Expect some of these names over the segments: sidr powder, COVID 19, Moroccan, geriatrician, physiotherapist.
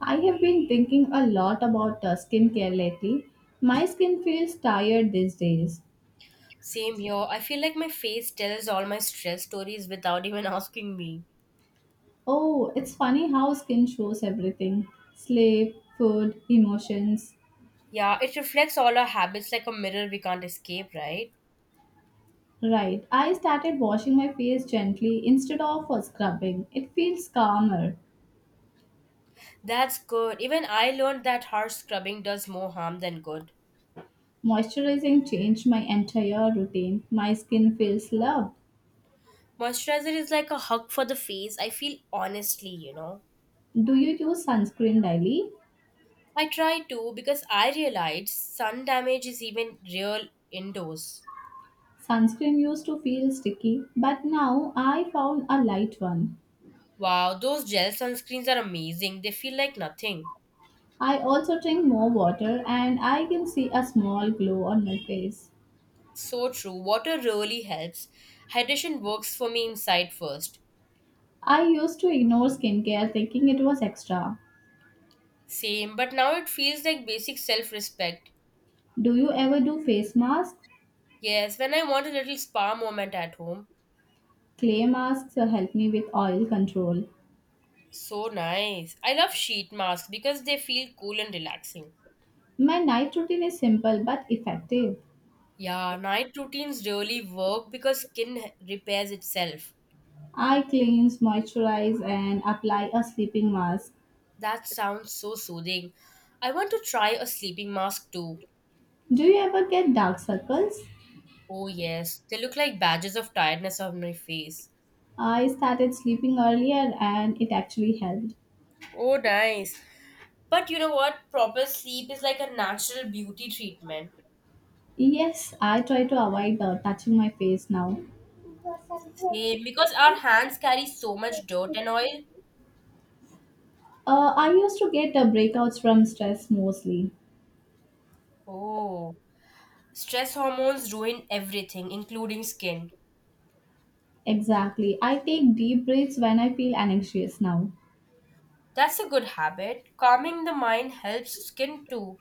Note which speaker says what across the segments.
Speaker 1: I have been thinking a lot about skincare lately. My skin feels tired these days.
Speaker 2: Same here. I feel like my face tells all my stress stories without even asking me.
Speaker 1: Oh, it's funny how skin shows everything sleep, food, emotions.
Speaker 2: Yeah, it reflects all our habits like a mirror we can't escape, right?
Speaker 1: Right, I started washing my face gently instead of scrubbing. It feels calmer.
Speaker 2: That's good. Even I learned that harsh scrubbing does more harm than good.
Speaker 1: Moisturizing changed my entire routine. My skin feels loved.
Speaker 2: Moisturizer is like a hug for the face. I feel honestly.
Speaker 1: Do you use sunscreen daily?
Speaker 2: I try to because I realized sun damage is even real indoors.
Speaker 1: Sunscreen used to feel sticky, but now I found a light one.
Speaker 2: Wow, those gel sunscreens are amazing. They feel like nothing.
Speaker 1: I also drink more water and I can see a small glow on my face.
Speaker 2: So true. Water really helps. Hydration works for me inside first.
Speaker 1: I used to ignore skincare thinking it was extra.
Speaker 2: Same, but now it feels like basic self respect.
Speaker 1: Do you ever do face masks?
Speaker 2: Yes, when I want a little spa moment at home.
Speaker 1: Clay masks help me with oil control.
Speaker 2: So nice. I love sheet masks because they feel cool and relaxing.
Speaker 1: My night routine is simple but effective.
Speaker 2: Yeah, night routines really work because skin repairs itself.
Speaker 1: I cleanse, moisturize, and apply a sleeping mask.
Speaker 2: That sounds so soothing. I want to try a sleeping mask too.
Speaker 1: Do you ever get dark circles?
Speaker 2: Oh, yes, they look like badges of tiredness on my face.
Speaker 1: I started sleeping earlier and it actually helped.
Speaker 2: Oh, nice. But you know what? Proper sleep is like a natural beauty treatment.
Speaker 1: Yes, I try to avoid touching my face now.
Speaker 2: Same, because our hands carry so much dirt and oil.
Speaker 1: I used to get breakouts from stress mostly.
Speaker 2: Oh, stress hormones ruin everything, including skin.
Speaker 1: Exactly. I take deep breaths when I feel anxious now.
Speaker 2: That's a good habit. Calming the mind helps skin too.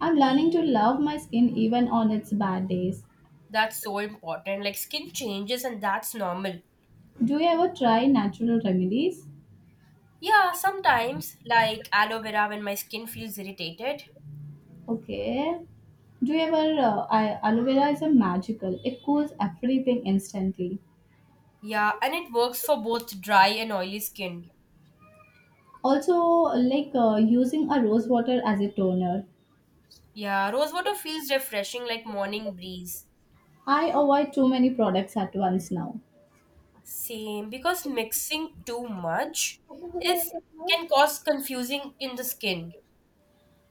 Speaker 1: I'm learning to love my skin even on its bad days.
Speaker 2: That's so important. Like, skin changes, and that's normal.
Speaker 1: Do you ever try natural remedies?
Speaker 2: Yeah, sometimes, like aloe vera when my skin feels irritated.
Speaker 1: Okay. Do you ever? I, Aloe vera is a magical. It cools everything instantly.
Speaker 2: Yeah, and it works for both dry and oily skin.
Speaker 1: Also, like using a rose water as a toner.
Speaker 2: Yeah, rose water feels refreshing like morning breeze.
Speaker 1: I avoid too many products at once now.
Speaker 2: Same, because mixing too much is can cause confusing in the skin.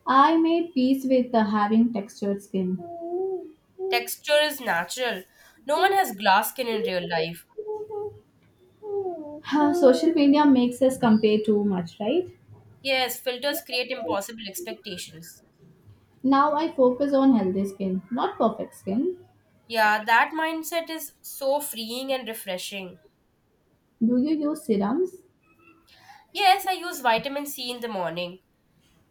Speaker 1: I made peace with having textured skin.
Speaker 2: Texture is natural. No one has glass skin in real life.
Speaker 1: Huh, social media makes us compare too much, right?
Speaker 2: Yes, filters create impossible expectations.
Speaker 1: Now I focus on healthy skin, not perfect skin.
Speaker 2: Yeah, that mindset is so freeing and refreshing.
Speaker 1: Do you use serums?
Speaker 2: Yes, I use vitamin C in the morning.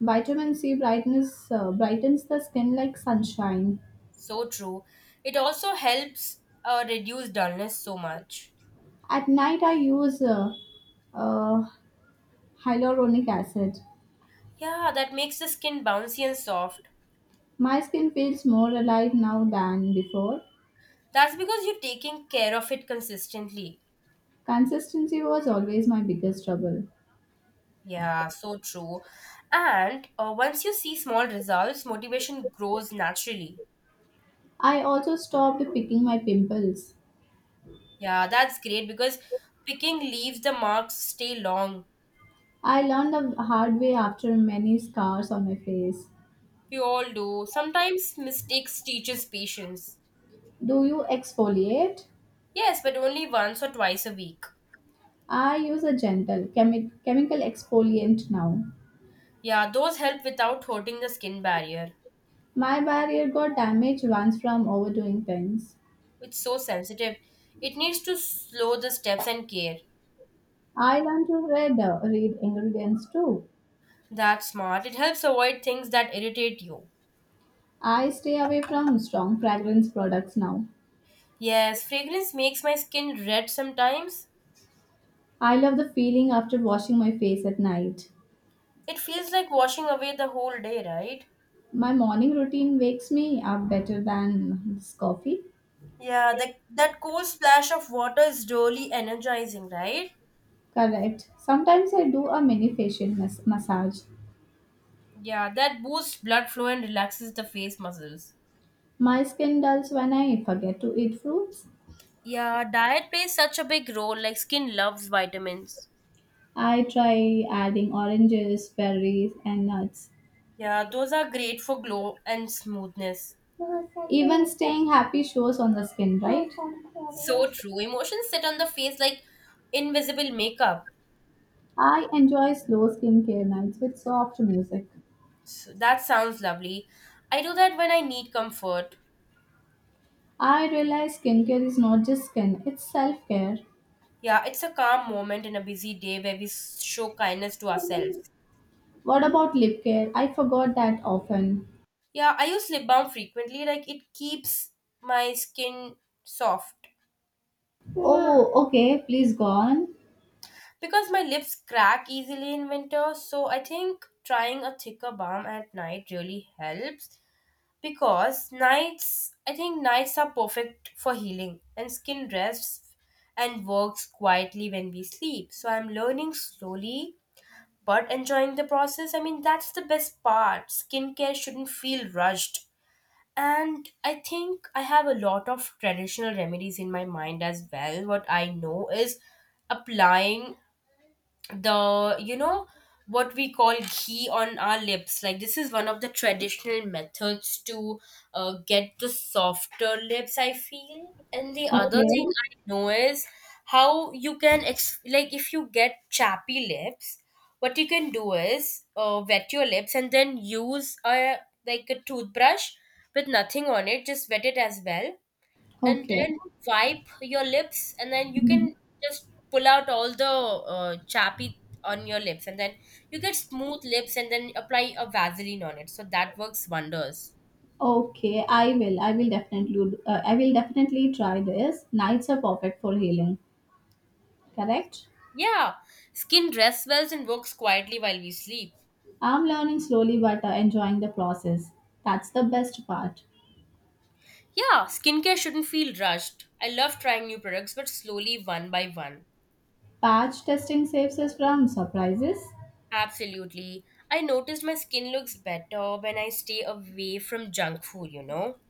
Speaker 1: Vitamin C brightness brightens the skin like sunshine.
Speaker 2: So true. It also helps reduce dullness so much.
Speaker 1: At night I use uh, hyaluronic acid.
Speaker 2: Yeah, that makes the skin bouncy and soft.
Speaker 1: My skin feels more alive now than before.
Speaker 2: That's because you're taking care of it consistently.
Speaker 1: Consistency was always my biggest trouble.
Speaker 2: Yeah, so true. And once you see small results, motivation grows naturally.
Speaker 1: I also stopped picking my pimples.
Speaker 2: Yeah, that's great because picking leaves the marks stay long.
Speaker 1: I learned the hard way after many scars on my face.
Speaker 2: We all do. Sometimes mistakes teaches patience.
Speaker 1: Do you exfoliate?
Speaker 2: Yes, but only once or twice a week.
Speaker 1: I use a gentle chemical exfoliant now.
Speaker 2: Yeah, those help without hurting the skin barrier.
Speaker 1: My barrier got damaged once from overdoing things.
Speaker 2: It's so sensitive. It needs to slow the steps and care.
Speaker 1: I learned to read ingredients too.
Speaker 2: That's smart. It helps avoid things that irritate you.
Speaker 1: I stay away from strong fragrance products now.
Speaker 2: Yes, fragrance makes my skin red sometimes.
Speaker 1: I love the feeling after washing my face at night.
Speaker 2: It feels like washing away the whole day, right?
Speaker 1: My morning routine wakes me up better than this coffee.
Speaker 2: Yeah, that cool splash of water is really energizing, right?
Speaker 1: Correct. Sometimes I do a mini facial massage.
Speaker 2: Yeah, that boosts blood flow and relaxes the face muscles.
Speaker 1: My skin dulls when I forget to eat fruits.
Speaker 2: Yeah, diet plays such a big role, like skin loves vitamins.
Speaker 1: I try adding oranges, berries, and nuts.
Speaker 2: Yeah, those are great for glow and smoothness.
Speaker 1: Even staying happy shows on the skin, right?
Speaker 2: So true. Emotions sit on the face like invisible makeup.
Speaker 1: I enjoy slow skincare nights with soft music.
Speaker 2: So that sounds lovely. I do that when I need comfort.
Speaker 1: I realize skincare is not just skin, it's self care.
Speaker 2: Yeah, it's a calm moment in a busy day where we show kindness to ourselves.
Speaker 1: What about lip care? I forgot that often.
Speaker 2: Yeah, I use lip balm frequently. Like it keeps my skin soft
Speaker 1: Oh, okay, please go on.
Speaker 2: because my lips crack easily in winter. So I think trying a thicker balm at night really helps because nights, I think nights are perfect for healing and skin rests and works quietly when we sleep. So I'm learning slowly but enjoying the process. I mean, that's the best part. Skincare shouldn't feel rushed. And I think I have a lot of traditional remedies in my mind as well. What I know is applying the what we call ghee on our lips, like this is one of the traditional methods to get the softer lips, I feel. And the other thing
Speaker 1: Okay,
Speaker 2: I know is how you can like if you get chappy lips, what you can do is wet your lips and then use a like a toothbrush with nothing on it, just wet it as well, and
Speaker 1: okay.
Speaker 2: then wipe your lips, and then you
Speaker 1: Mhm.
Speaker 2: can just pull out all the chappy on your lips, and then you get smooth lips and then apply a Vaseline on it so that works wonders.
Speaker 1: Okay, I will. I will definitely try this. Nights are perfect for healing. Correct.
Speaker 2: Yeah, skin rests well and works quietly while we sleep.
Speaker 1: I'm learning slowly but enjoying the process. That's the best part.
Speaker 2: Yeah, skincare shouldn't feel rushed. I love trying new products but slowly, one by one.
Speaker 1: Patch testing saves us from surprises.
Speaker 2: Absolutely, I noticed my skin looks better when I stay away from junk food.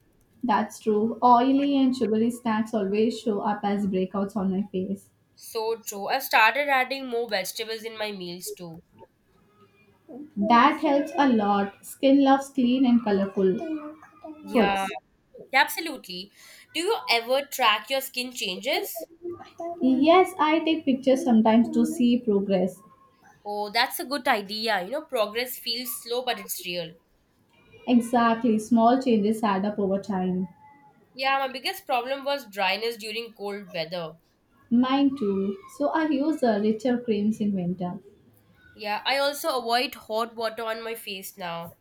Speaker 1: That's true. Oily and sugary snacks always show up as breakouts on my face.
Speaker 2: So true. I've started adding more vegetables in my meals too.
Speaker 1: That helps a lot. Skin loves clean and colorful
Speaker 2: Yeah,
Speaker 1: foods.
Speaker 2: yeah, absolutely. Do you ever track your skin changes?
Speaker 1: Yes, I take pictures sometimes to see progress.
Speaker 2: Oh, that's a good idea. You know, progress feels slow, but it's real.
Speaker 1: Exactly, small changes add up over time.
Speaker 2: Yeah, my biggest problem was dryness during cold weather.
Speaker 1: Mine too. So I use richer creams in winter.
Speaker 2: Yeah, I also avoid hot water on my face now.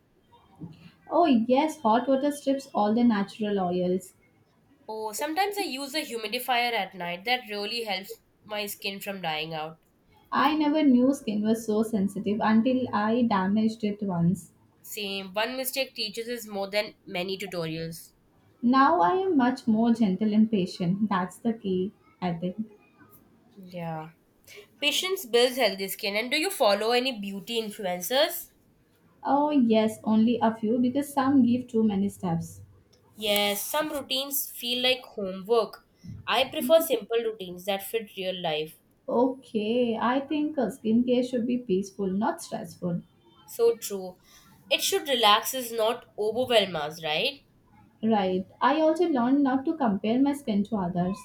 Speaker 1: Oh, yes, hot water strips all the natural oils.
Speaker 2: Oh, sometimes I use a humidifier at night. That really helps my skin from drying out.
Speaker 1: I never knew skin was so sensitive until I damaged it once.
Speaker 2: Same, one mistake teaches us more than many tutorials.
Speaker 1: Now I am much more gentle and patient. That's the key, I think.
Speaker 2: Yeah. Patience builds healthy skin. And do you follow any beauty influencers?
Speaker 1: Oh, yes, only a few because some give too many steps.
Speaker 2: Yes, some routines feel like homework. I prefer simple routines that fit real life.
Speaker 1: Okay, I think skincare should be peaceful, not stressful.
Speaker 2: So true. It should relax us, not overwhelm us, right?
Speaker 1: Right. I also learned not to compare my skin to others.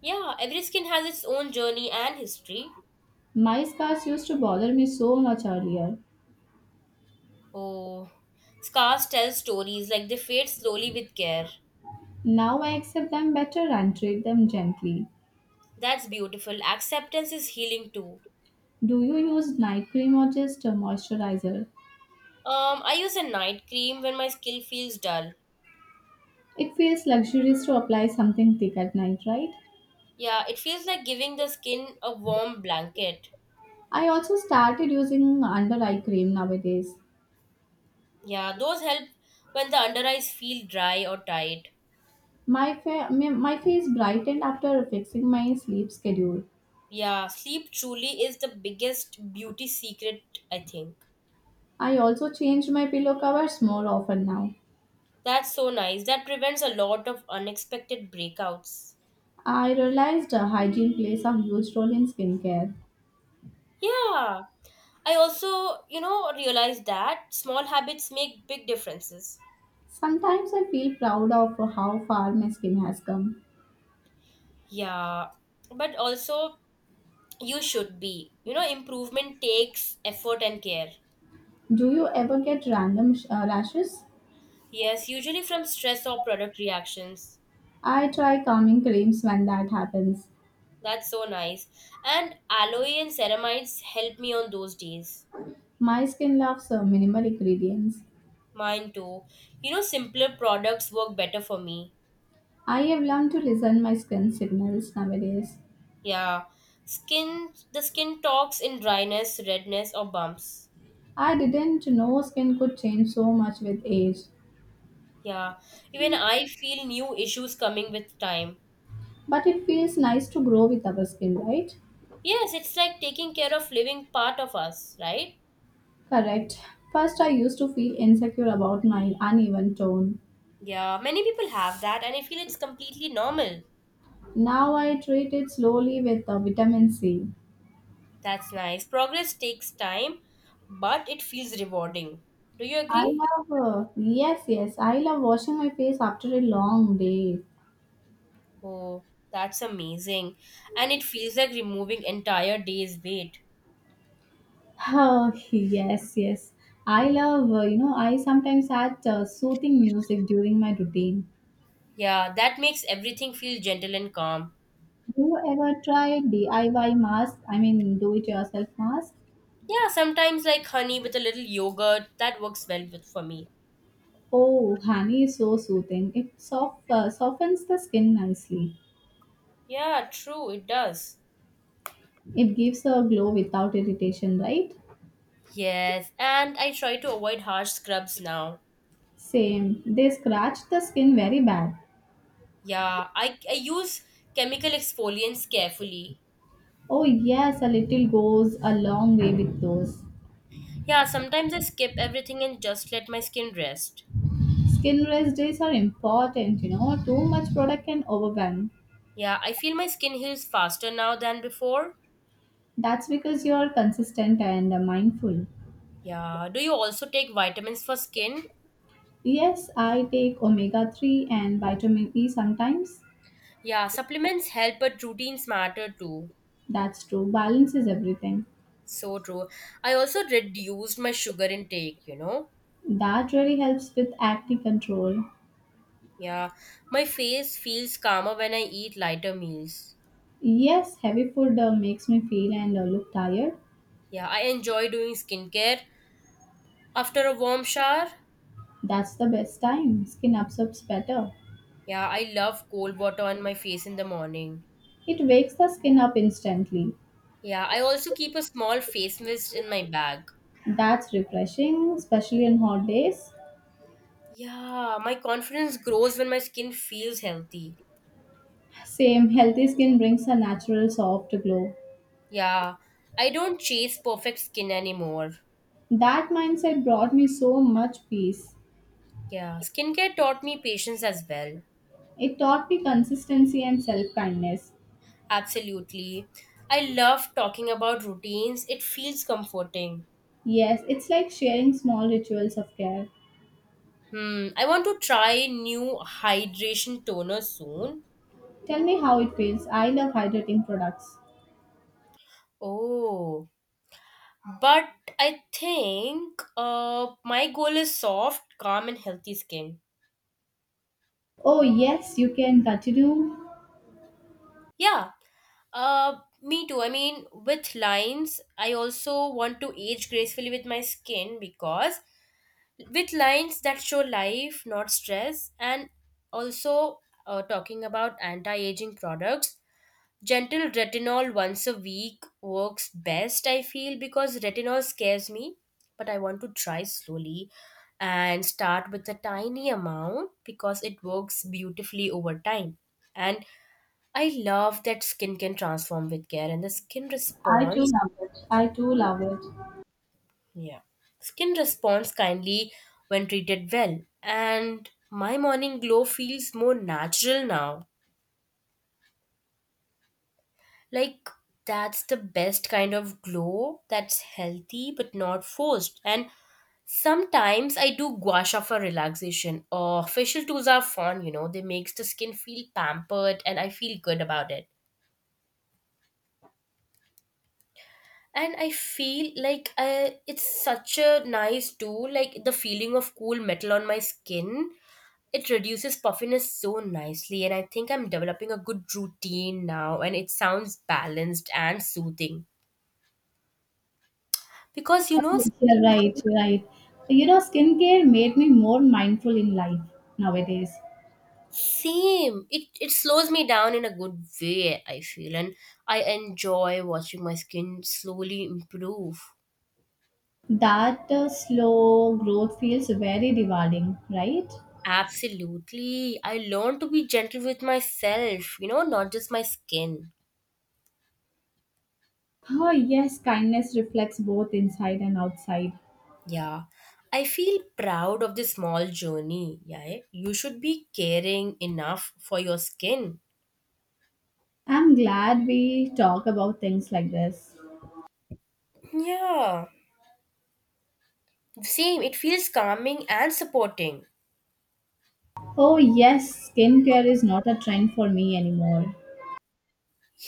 Speaker 2: Yeah, every skin has its own journey and history.
Speaker 1: My scars used to bother me so much earlier.
Speaker 2: Oh, scars tell stories, like they fade slowly with care.
Speaker 1: Now I accept them better and treat them gently.
Speaker 2: That's beautiful. Acceptance is healing too.
Speaker 1: Do you use night cream or just a moisturizer?
Speaker 2: I use a night cream when my skin feels dull.
Speaker 1: It feels luxurious to apply something thick at night, right?
Speaker 2: Yeah, it feels like giving the skin a warm blanket.
Speaker 1: I also started using under eye cream nowadays.
Speaker 2: Yeah, those help when the under eyes feel dry or tight.
Speaker 1: My, fa- my face brightened after fixing my sleep schedule.
Speaker 2: Yeah, sleep truly is the biggest beauty secret, I think.
Speaker 1: I also change my pillow covers more often now.
Speaker 2: That's so nice. That prevents a lot of unexpected breakouts.
Speaker 1: I realized hygiene plays a huge role in skincare.
Speaker 2: Yeah. I also realized that small habits make big differences.
Speaker 1: Sometimes I feel proud of how far my skin has come.
Speaker 2: Yeah. But also, you should be. You know, improvement takes effort and care.
Speaker 1: Do you ever get random rashes?
Speaker 2: Yes, usually from stress or product reactions.
Speaker 1: I try calming creams when that happens.
Speaker 2: That's so nice. And aloe and ceramides help me on those days.
Speaker 1: My skin loves minimal ingredients.
Speaker 2: Mine too. You know, simpler products work better for me.
Speaker 1: I have learned to listen my skin signals nowadays.
Speaker 2: Yeah. The skin talks in dryness, redness, or bumps.
Speaker 1: I didn't know skin could change so much with age,
Speaker 2: Yeah. Even I feel new issues coming with time.
Speaker 1: but it feels nice to grow with our skin, right?
Speaker 2: Yes, it's like taking care of living part of us, right?
Speaker 1: Correct. First, I used to feel insecure about my uneven tone.
Speaker 2: Yeah, many people have that, and I feel it's completely normal.
Speaker 1: Now I treat it slowly with vitamin C.
Speaker 2: That's nice. Progress takes time, but it feels rewarding. Do you agree?
Speaker 1: I love washing my face after a long day.
Speaker 2: Oh, that's amazing. And it feels like removing entire day's weight.
Speaker 1: Oh, yes, yes. I love, you know, I sometimes add soothing music during my routine.
Speaker 2: Yeah, that makes everything feel gentle and calm.
Speaker 1: Do you ever try DIY mask? I mean, do it yourself mask?
Speaker 2: Yeah, sometimes like honey with a little yogurt, that works well with for me.
Speaker 1: Oh, honey is so soothing. It softens the skin nicely.
Speaker 2: Yeah, true, it does.
Speaker 1: It gives a glow without irritation, right?
Speaker 2: Yes, and I try to avoid harsh scrubs now.
Speaker 1: Same. They scratch the skin very bad.
Speaker 2: Yeah, I use chemical exfoliants carefully.
Speaker 1: Oh, yes, a little goes a long way with those.
Speaker 2: Yeah, sometimes I skip everything and just let my skin rest.
Speaker 1: Skin rest days are important, you know. Too much product can overwhelm.
Speaker 2: Yeah, I feel my skin heals faster now than before.
Speaker 1: That's because you're consistent and mindful.
Speaker 2: Yeah, do you also take vitamins for skin?
Speaker 1: Yes, I take omega 3 and vitamin E sometimes.
Speaker 2: Yeah, supplements help, but routines matter too.
Speaker 1: That's true. Balance is everything.
Speaker 2: So true. I also reduced my sugar intake, you know?
Speaker 1: That really helps with acne control.
Speaker 2: Yeah, my face feels calmer when I eat lighter meals.
Speaker 1: Yes, heavy food makes me feel and look tired.
Speaker 2: Yeah, I enjoy doing skincare after a warm shower.
Speaker 1: That's the best time. Skin absorbs better.
Speaker 2: Yeah, I love cold water on my face in the morning.
Speaker 1: It wakes the skin up instantly.
Speaker 2: Yeah, I also keep a small face mist in my bag.
Speaker 1: That's refreshing, especially on hot days.
Speaker 2: Yeah, my confidence grows when my skin feels healthy.
Speaker 1: Same, healthy skin brings a natural soft glow.
Speaker 2: Yeah, I don't chase perfect skin anymore.
Speaker 1: That mindset brought me so much peace.
Speaker 2: Yeah, skincare taught me patience as well.
Speaker 1: It taught me consistency and self kindness.
Speaker 2: Absolutely. I love talking about routines, it feels comforting.
Speaker 1: Yes, it's like sharing small rituals of care.
Speaker 2: Hmm, I want to try new hydration toner soon.
Speaker 1: Tell me how it feels. I love hydrating products.
Speaker 2: Oh, but I think my goal is soft, calm, and healthy skin.
Speaker 1: Oh, yes, you can continue.
Speaker 2: Yeah, Uh, me too. I mean, with lines, I also want to age gracefully with my skin, because with lines that show life, not stress, and also talking about anti aging products, gentle retinol once a week works best, I feel, because retinol scares me, but I want to try slowly and start with a tiny amount because it works beautifully over time. And I love that skin can transform with care, and the skin
Speaker 1: I too
Speaker 2: responds.
Speaker 1: love it. I too love it.
Speaker 2: Yeah, skin responds kindly when treated well, and my morning glow feels more natural now. Like, that's the best kind of glow, that's healthy but not forced. And sometimes I do gua sha for relaxation, or facial tools are fun. You know, they makes the skin feel pampered, and I feel good about it. And I feel like it's such a nice tool, like the feeling of cool metal on my skin. It reduces puffiness so nicely, and I think I'm developing a good routine now, and it sounds balanced and soothing because, you know,
Speaker 1: You're
Speaker 2: skin.
Speaker 1: right, you're right. You know, skincare made me more mindful in life nowadays.
Speaker 2: Same, it slows me down in a good way, I feel. And I enjoy watching my skin slowly improve.
Speaker 1: That slow growth feels very rewarding, right?
Speaker 2: Absolutely, I learn to be gentle with myself, you know, not just my skin.
Speaker 1: Oh, yes, kindness reflects both inside and outside.
Speaker 2: Yeah, I feel proud of this small journey. Yeah, you should be caring enough for your skin.
Speaker 1: I'm glad we talk about things like this.
Speaker 2: Yeah, same. It feels calming and supporting.
Speaker 1: Oh, yes, skincare is not a trend for me anymore.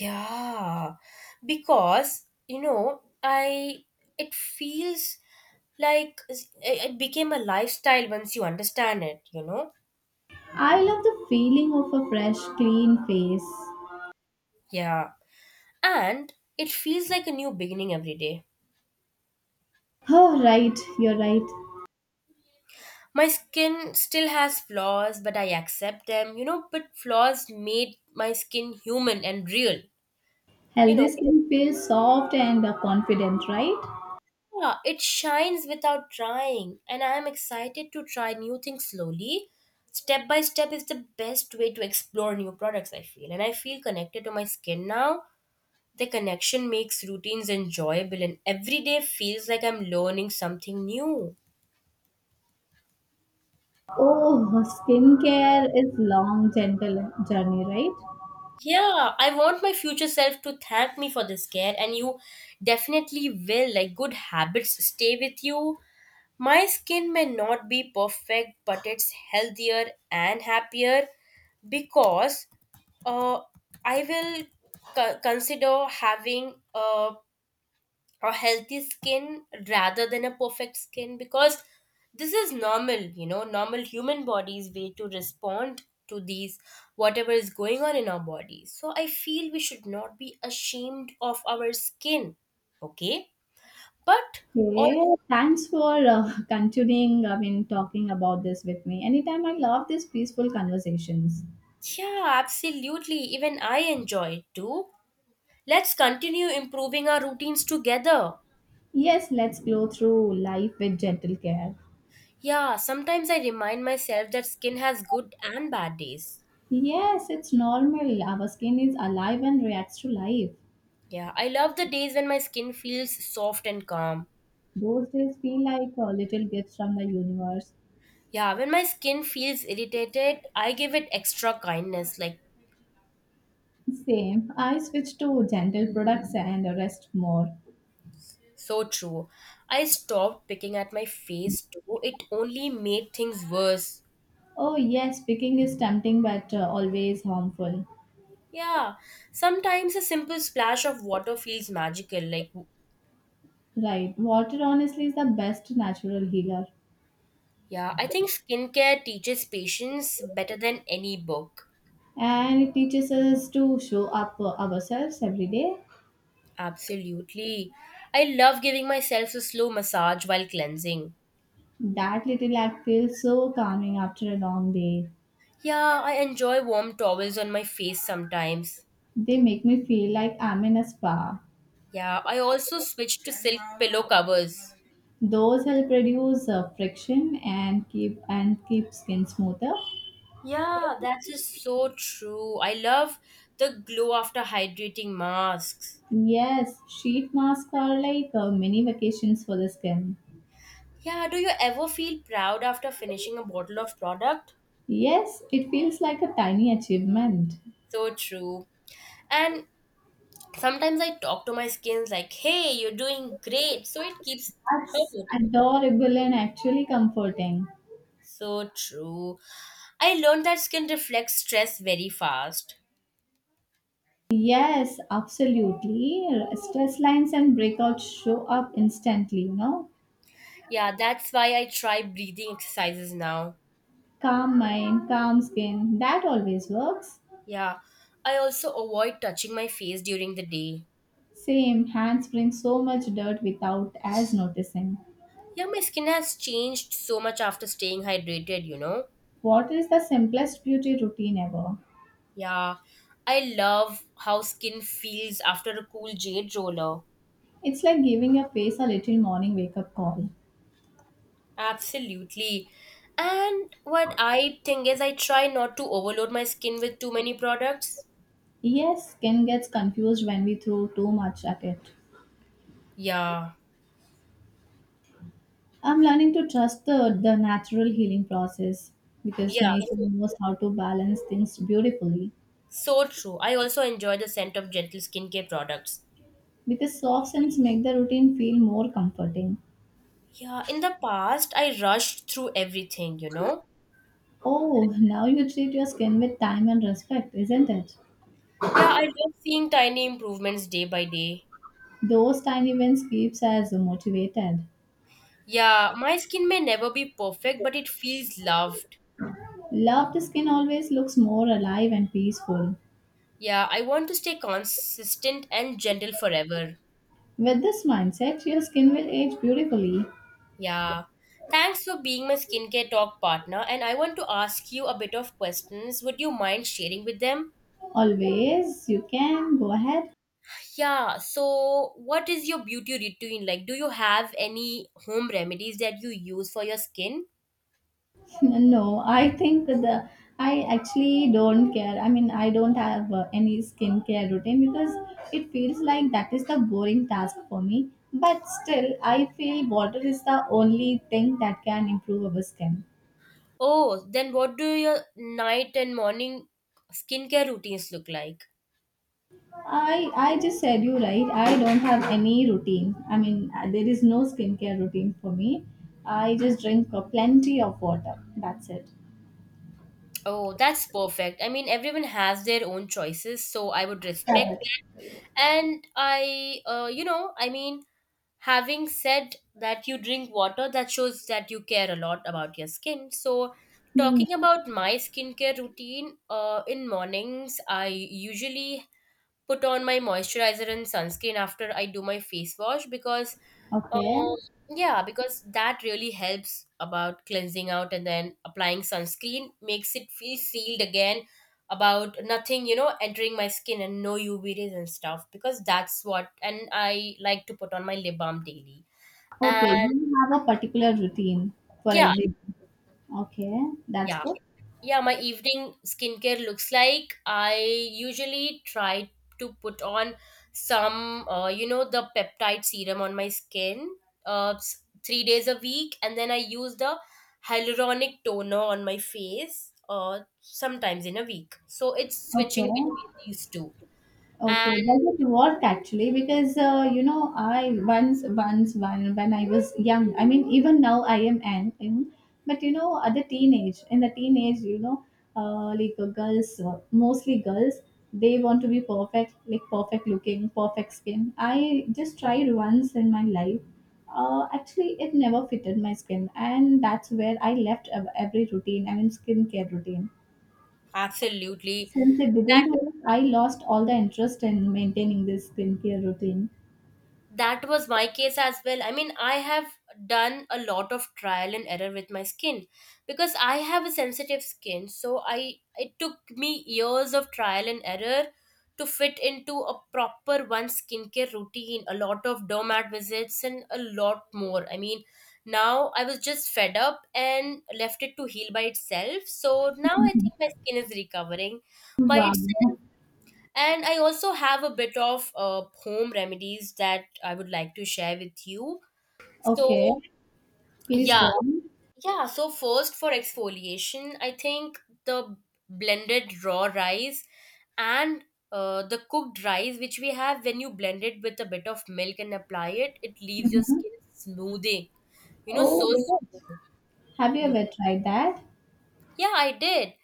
Speaker 2: Yeah, because you know, I it feels like it became a lifestyle once you understand it. You know.
Speaker 1: I love the feeling of a fresh, clean face.
Speaker 2: Yeah, and it feels like a new beginning every day.
Speaker 1: Oh, right, you're right.
Speaker 2: My skin still has flaws, but I accept them, you know. But flaws made my skin human and real, you
Speaker 1: Healthy
Speaker 2: know.
Speaker 1: skin feels soft and confident, right?
Speaker 2: Yeah, it shines without trying, and I am excited to try new things slowly. Step by step is the best way to explore new products, I feel. And I feel connected to my skin now. The connection makes routines enjoyable, and every day feels like I'm learning something new.
Speaker 1: Oh, skincare is long, gentle journey, right?
Speaker 2: Yeah, I want my future self to thank me for this care, and you definitely will. Like, good habits stay with you. My skin may not be perfect, but it's healthier and happier because uh, I will consider having a healthy skin rather than a perfect skin because this is normal, normal human body's way to respond to these, whatever is going on in our body. So I feel we should not be ashamed of our skin. Okay. But oh,
Speaker 1: Okay, thanks for continuing, I mean, talking about this with me. Anytime I love these peaceful conversations.
Speaker 2: yeah, absolutely, even I enjoy it too. Let's continue improving our routines together.
Speaker 1: Yes, let's glow through life with gentle care.
Speaker 2: Yeah, sometimes I remind myself that skin has good and bad days.
Speaker 1: Yes, it's normal. Our skin is alive and reacts to life.
Speaker 2: Yeah, I love the days when my skin feels soft and calm.
Speaker 1: Those days feel like little gifts from the universe.
Speaker 2: Yeah, when my skin feels irritated, I give it extra kindness. Like,
Speaker 1: Same. I switched to gentle products and rest more.
Speaker 2: so true. I stopped picking at my face too. It only made things worse.
Speaker 1: Oh, yes, picking is tempting but always harmful.
Speaker 2: Yeah, sometimes a simple splash of water feels magical. Like,
Speaker 1: Right. Water, honestly, is the best natural healer.
Speaker 2: yeah, I think skincare teaches patience better than any book.
Speaker 1: And it teaches us to show up ourselves every day.
Speaker 2: Absolutely. I love giving myself a slow massage while cleansing.
Speaker 1: That little act feels so calming after a long day.
Speaker 2: Yeah, I enjoy warm towels on my face sometimes.
Speaker 1: They make me feel like I'm in a spa.
Speaker 2: Yeah, I also switched to silk pillow covers.
Speaker 1: Those help reduce friction and keep skin smoother.
Speaker 2: Yeah, that is so true. I love the glow after hydrating masks.
Speaker 1: Yes, sheet masks are like mini vacations for the skin.
Speaker 2: Yeah, do you ever feel proud after finishing a bottle of product?
Speaker 1: Yes, it feels like a tiny achievement.
Speaker 2: So true. And sometimes I talk to my skin like, hey, you're doing great. So it keeps her
Speaker 1: That's
Speaker 2: motivated.
Speaker 1: adorable and actually comforting.
Speaker 2: So true. I learned that skin reflects stress very fast.
Speaker 1: Yes, absolutely. Stress lines and breakouts show up instantly, you know?
Speaker 2: Yeah, that's why I try breathing exercises now.
Speaker 1: Calm mind, calm skin, that always works.
Speaker 2: Yeah, I also avoid touching my face during the day.
Speaker 1: Same, hands bring so much dirt without as noticing.
Speaker 2: Yeah, my skin has changed so much after staying hydrated, you know?
Speaker 1: Water is the simplest beauty routine ever.
Speaker 2: Yeah, I love how skin feels after a cool jade roller.
Speaker 1: It's like giving your face a little morning wake up call.
Speaker 2: Absolutely. And what I think is, I try not to overload my skin with too many products.
Speaker 1: Yes, skin gets confused when we throw too much at it.
Speaker 2: Yeah,
Speaker 1: I'm learning to trust the natural healing process because
Speaker 2: yeah,
Speaker 1: nature
Speaker 2: so,
Speaker 1: knows how to balance things beautifully.
Speaker 2: so true. I also enjoy the scent of gentle skincare products.
Speaker 1: Because soft scents make the routine feel more comforting.
Speaker 2: Yeah, in the past, I rushed through everything, you know?
Speaker 1: Oh, now you treat your skin with time and respect, isn't it?
Speaker 2: Yeah, I love seeing tiny improvements day by day.
Speaker 1: Those tiny wins keeps us motivated.
Speaker 2: Yeah, my skin may never be perfect, but it feels loved.
Speaker 1: Loved skin always looks more alive and peaceful.
Speaker 2: Yeah, I want to stay consistent and gentle forever.
Speaker 1: With this mindset, your skin will age beautifully.
Speaker 2: Yeah. Thanks for being my skincare talk partner, and I want to ask you a bit of questions. Would you mind sharing with them?
Speaker 1: Always, you can go ahead.
Speaker 2: Yeah, so what is your beauty routine like? Do you have any home remedies that you use for your skin?
Speaker 1: no, I think the I actually don't care. I mean, I don't have any skincare routine because it feels like that is the boring task for me. But still, I feel water is the only thing that can improve our skin.
Speaker 2: Oh, then what do your night and morning skincare routines look like?
Speaker 1: I just said you right. I don't have any routine. I mean, there is no skincare routine for me. I just drink plenty of water. That's it.
Speaker 2: Oh, that's perfect. I mean, everyone has their own choices, so I would respect. And I, you know, I mean, having said that you drink water, that shows that you care a lot about your skin. So,
Speaker 1: Hmm.
Speaker 2: talking about my skincare routine, in mornings, I usually put on my moisturizer and sunscreen after I do my face wash because Um,
Speaker 1: Okay.
Speaker 2: yeah, because that really helps about cleansing out, and then applying sunscreen makes it feel sealed again about nothing, you know, entering my skin and no UV rays and stuff because that's what. And I like to put on my lip balm daily.
Speaker 1: Okay.
Speaker 2: And
Speaker 1: You have a particular routine for
Speaker 2: yeah,
Speaker 1: every. Okay, that's
Speaker 2: yeah,
Speaker 1: good.
Speaker 2: yeah, my evening skincare looks like I usually try to put on some, you know, the peptide serum on my skin 3 days a week, and then I use the hyaluronic toner on my face sometimes in a week, so it's switching
Speaker 1: Okay.
Speaker 2: between these two.
Speaker 1: Okay,
Speaker 2: And
Speaker 1: does it work actually? Because you know, I once, once, one when I was young. I mean, even now I am but you know, at the teenage, in the teenage, you know, girls, mostly girls, they want to be perfect, like perfect looking, perfect skin. I just tried once in my life. Actually, it never fitted my skin, and that's where I left every routine. I mean, skincare routine
Speaker 2: absolutely,
Speaker 1: since it didn't work, I lost all the interest in maintaining this skincare routine.
Speaker 2: that was my case as well. I mean, I have done a lot of trial and error with my skin because I have a sensitive skin, so I, it took me years of trial and error to fit into a proper one skincare routine, a lot of domat visits and a lot more. I mean, now I was just fed up and left it to heal by itself, so now I
Speaker 1: Mhm.
Speaker 2: think my skin is recovering by
Speaker 1: Wow.
Speaker 2: itself. And I also have a bit of home remedies that I would like to share with you.
Speaker 1: Okay.
Speaker 2: So,
Speaker 1: Please
Speaker 2: yeah,
Speaker 1: go on.
Speaker 2: yeah. So, first for exfoliation, I think the blended raw rice and the cooked rice, which we have, when you blend it with a bit of milk and apply it, it leaves your
Speaker 1: Hmm.
Speaker 2: skin smoothing, you know,
Speaker 1: Oh,
Speaker 2: so
Speaker 1: is it?
Speaker 2: smooth.
Speaker 1: Have you ever tried that?
Speaker 2: Yeah, I did.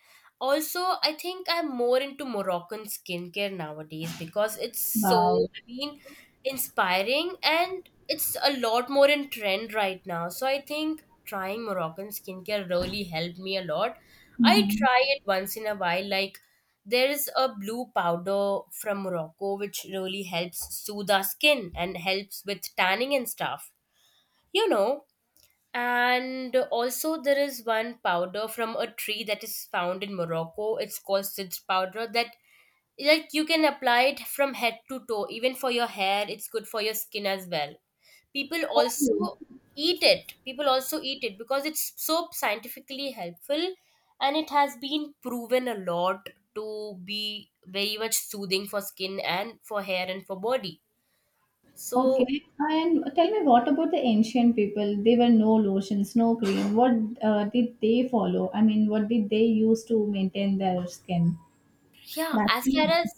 Speaker 2: Also, I think I'm more into Moroccan skincare nowadays because it's so,
Speaker 1: Wow.
Speaker 2: I mean, inspiring, and it's a lot more in trend right now. So I think trying Moroccan skincare really helped me a lot. I
Speaker 1: Hmm.
Speaker 2: try it once in a while. Like, there is a blue powder from Morocco which really helps soothe our skin and helps with tanning and stuff. You know, and also, there is one powder from a tree that is found in Morocco. It's called sidr powder. That, like, you can apply it from head to toe, even for your hair. It's good for your skin as well. People also
Speaker 1: Oh,
Speaker 2: eat it. People also eat it because it's so scientifically helpful, and it has been proven a lot to be very much soothing for skin and for hair and for body. So
Speaker 1: okay. And tell me, what about the ancient people? They were no lotions, no cream. What did they follow? I mean, what did they use to maintain their skin?
Speaker 2: yeah, as far
Speaker 1: Nothing.
Speaker 2: as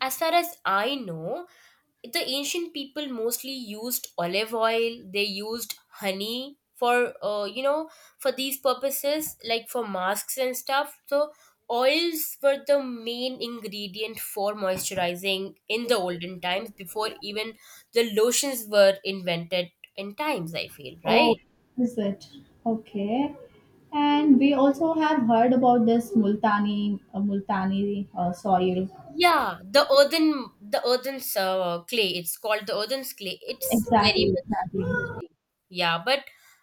Speaker 2: as far as I know, the ancient people mostly used olive oil. They used honey for, you know, for these purposes, like for masks and stuff. So oils were the main ingredient for moisturizing in the olden times, before even the lotions were invented in times. I feel
Speaker 1: Oh,
Speaker 2: right.
Speaker 1: is it? Okay. And we also have heard about this Multani soil.
Speaker 2: Yeah, the earthen's clay. It's called the earthen's clay. It's very
Speaker 1: Exactly,
Speaker 2: much
Speaker 1: exactly.
Speaker 2: soothing. Yeah, but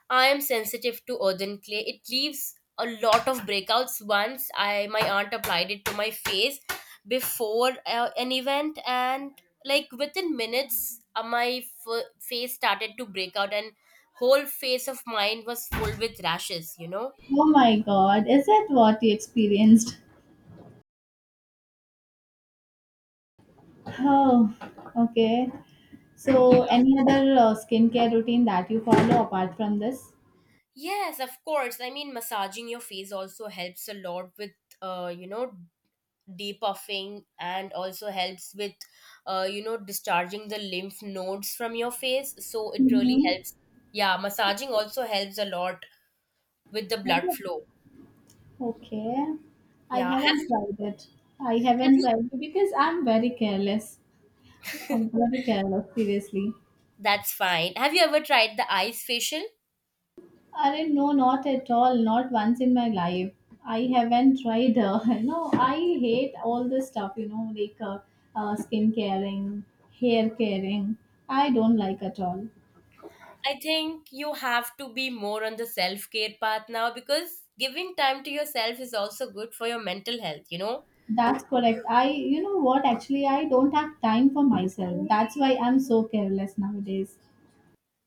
Speaker 2: I am sensitive to earthen clay. It leaves a lot of breakouts. Once I, my aunt applied it to my face before an event, and like within minutes, my face started to break out, and whole face of mine was full with rashes. You know.
Speaker 1: Oh my God, is that what you experienced? Oh, okay.
Speaker 2: Yeah.
Speaker 1: So, any other skincare routine that you follow apart from this?
Speaker 2: Yes, of course. I mean, massaging your face also helps a lot with, you know, depuffing, and also helps with, you know, discharging the lymph nodes from your face. So it really
Speaker 1: Mm-hmm.
Speaker 2: helps. Yeah, massaging also helps a lot with the blood flow.
Speaker 1: Okay. I
Speaker 2: Yeah.
Speaker 1: haven't tried it. I
Speaker 2: Have
Speaker 1: haven't
Speaker 2: you,
Speaker 1: tried it because I'm very careless. I'm very careless, seriously.
Speaker 2: that's fine. Have you ever tried the ice facial?
Speaker 1: I not no, not at all. Not once in my life. I haven't tried. You know, I hate all this stuff. You know, like skin caring, hair caring. I don't like at all.
Speaker 2: I think you have to be more on the self care path now because giving time to yourself is also good for your mental health, you know?
Speaker 1: That's correct. I, you know what? Actually, I don't have time for myself. That's why I'm so careless nowadays.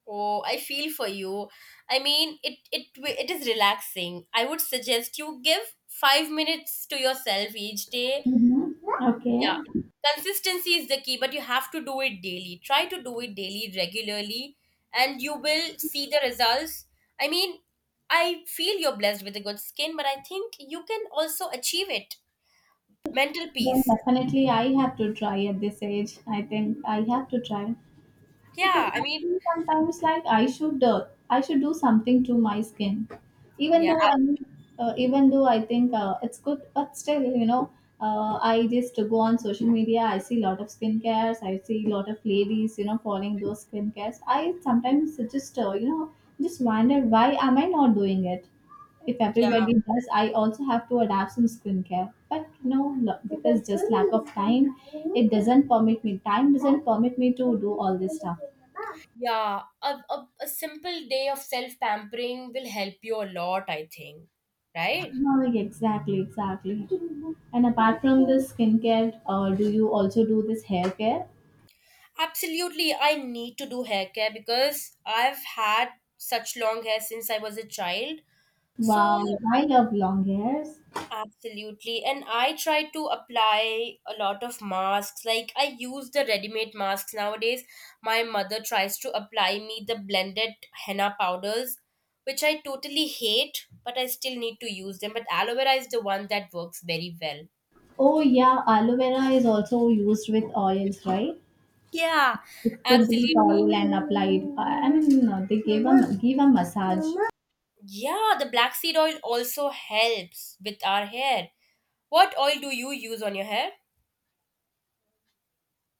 Speaker 2: Oh, I feel for you. I mean, it it is relaxing. I would suggest you give 5 minutes to yourself each day.
Speaker 1: Hmm. Okay.
Speaker 2: Yeah. Consistency is the key, but you have to do it daily. Try to do it daily regularly, and you will see the results. I mean, I feel you're blessed with a good skin, but I think you can also achieve it. Mental
Speaker 1: Then
Speaker 2: peace.
Speaker 1: definitely, I have to try at this age. I think I have to try. Because
Speaker 2: Yeah, I
Speaker 1: I
Speaker 2: mean,
Speaker 1: feel sometimes like I should do something to my skin, even
Speaker 2: yeah.
Speaker 1: though I'm even though I think it's good, but still you know I just go on social media. I see a lot of skin cares. I see a lot of ladies you know following those skin cares. I sometimes just just wonder why am I not doing it. If everybody does, I also have to adapt some skincare. But no, because just lack of time, it doesn't permit me. Time doesn't permit me to do all this stuff.
Speaker 2: Yeah, a simple day of self pampering will help you a lot, I think. Right?
Speaker 1: No, like exactly, exactly. And apart from this skincare, do you also do this hair care?
Speaker 2: Absolutely. I need to do hair care because I've had such long hair since I was a child. So,
Speaker 1: Wow, I love long hairs.
Speaker 2: absolutely. And I try to apply a lot of masks. Like, I use the ready made masks nowadays. My mother tries to apply me the blended henna powders, which I totally hate, but I still need to use them. But aloe vera is the one that works very well.
Speaker 1: Oh yeah, aloe vera is also used with oils, right?
Speaker 2: Yeah,
Speaker 1: It's cooked with
Speaker 2: absolutely.
Speaker 1: oil and applied. I mean, no, they gave a give a massage.
Speaker 2: Yeah, the black seed oil also helps with our hair. What oil do you use on your hair?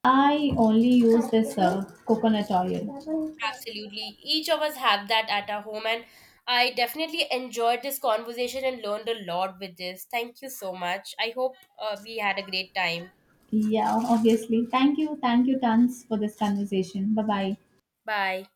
Speaker 1: I only use this coconut oil.
Speaker 2: Absolutely. Each of us have that at our home, and I definitely enjoyed this conversation and learned a lot with this. Thank you so much. I hope we had a great time.
Speaker 1: Yeah, obviously. Thank you tons for this conversation. Bye bye.
Speaker 2: Bye.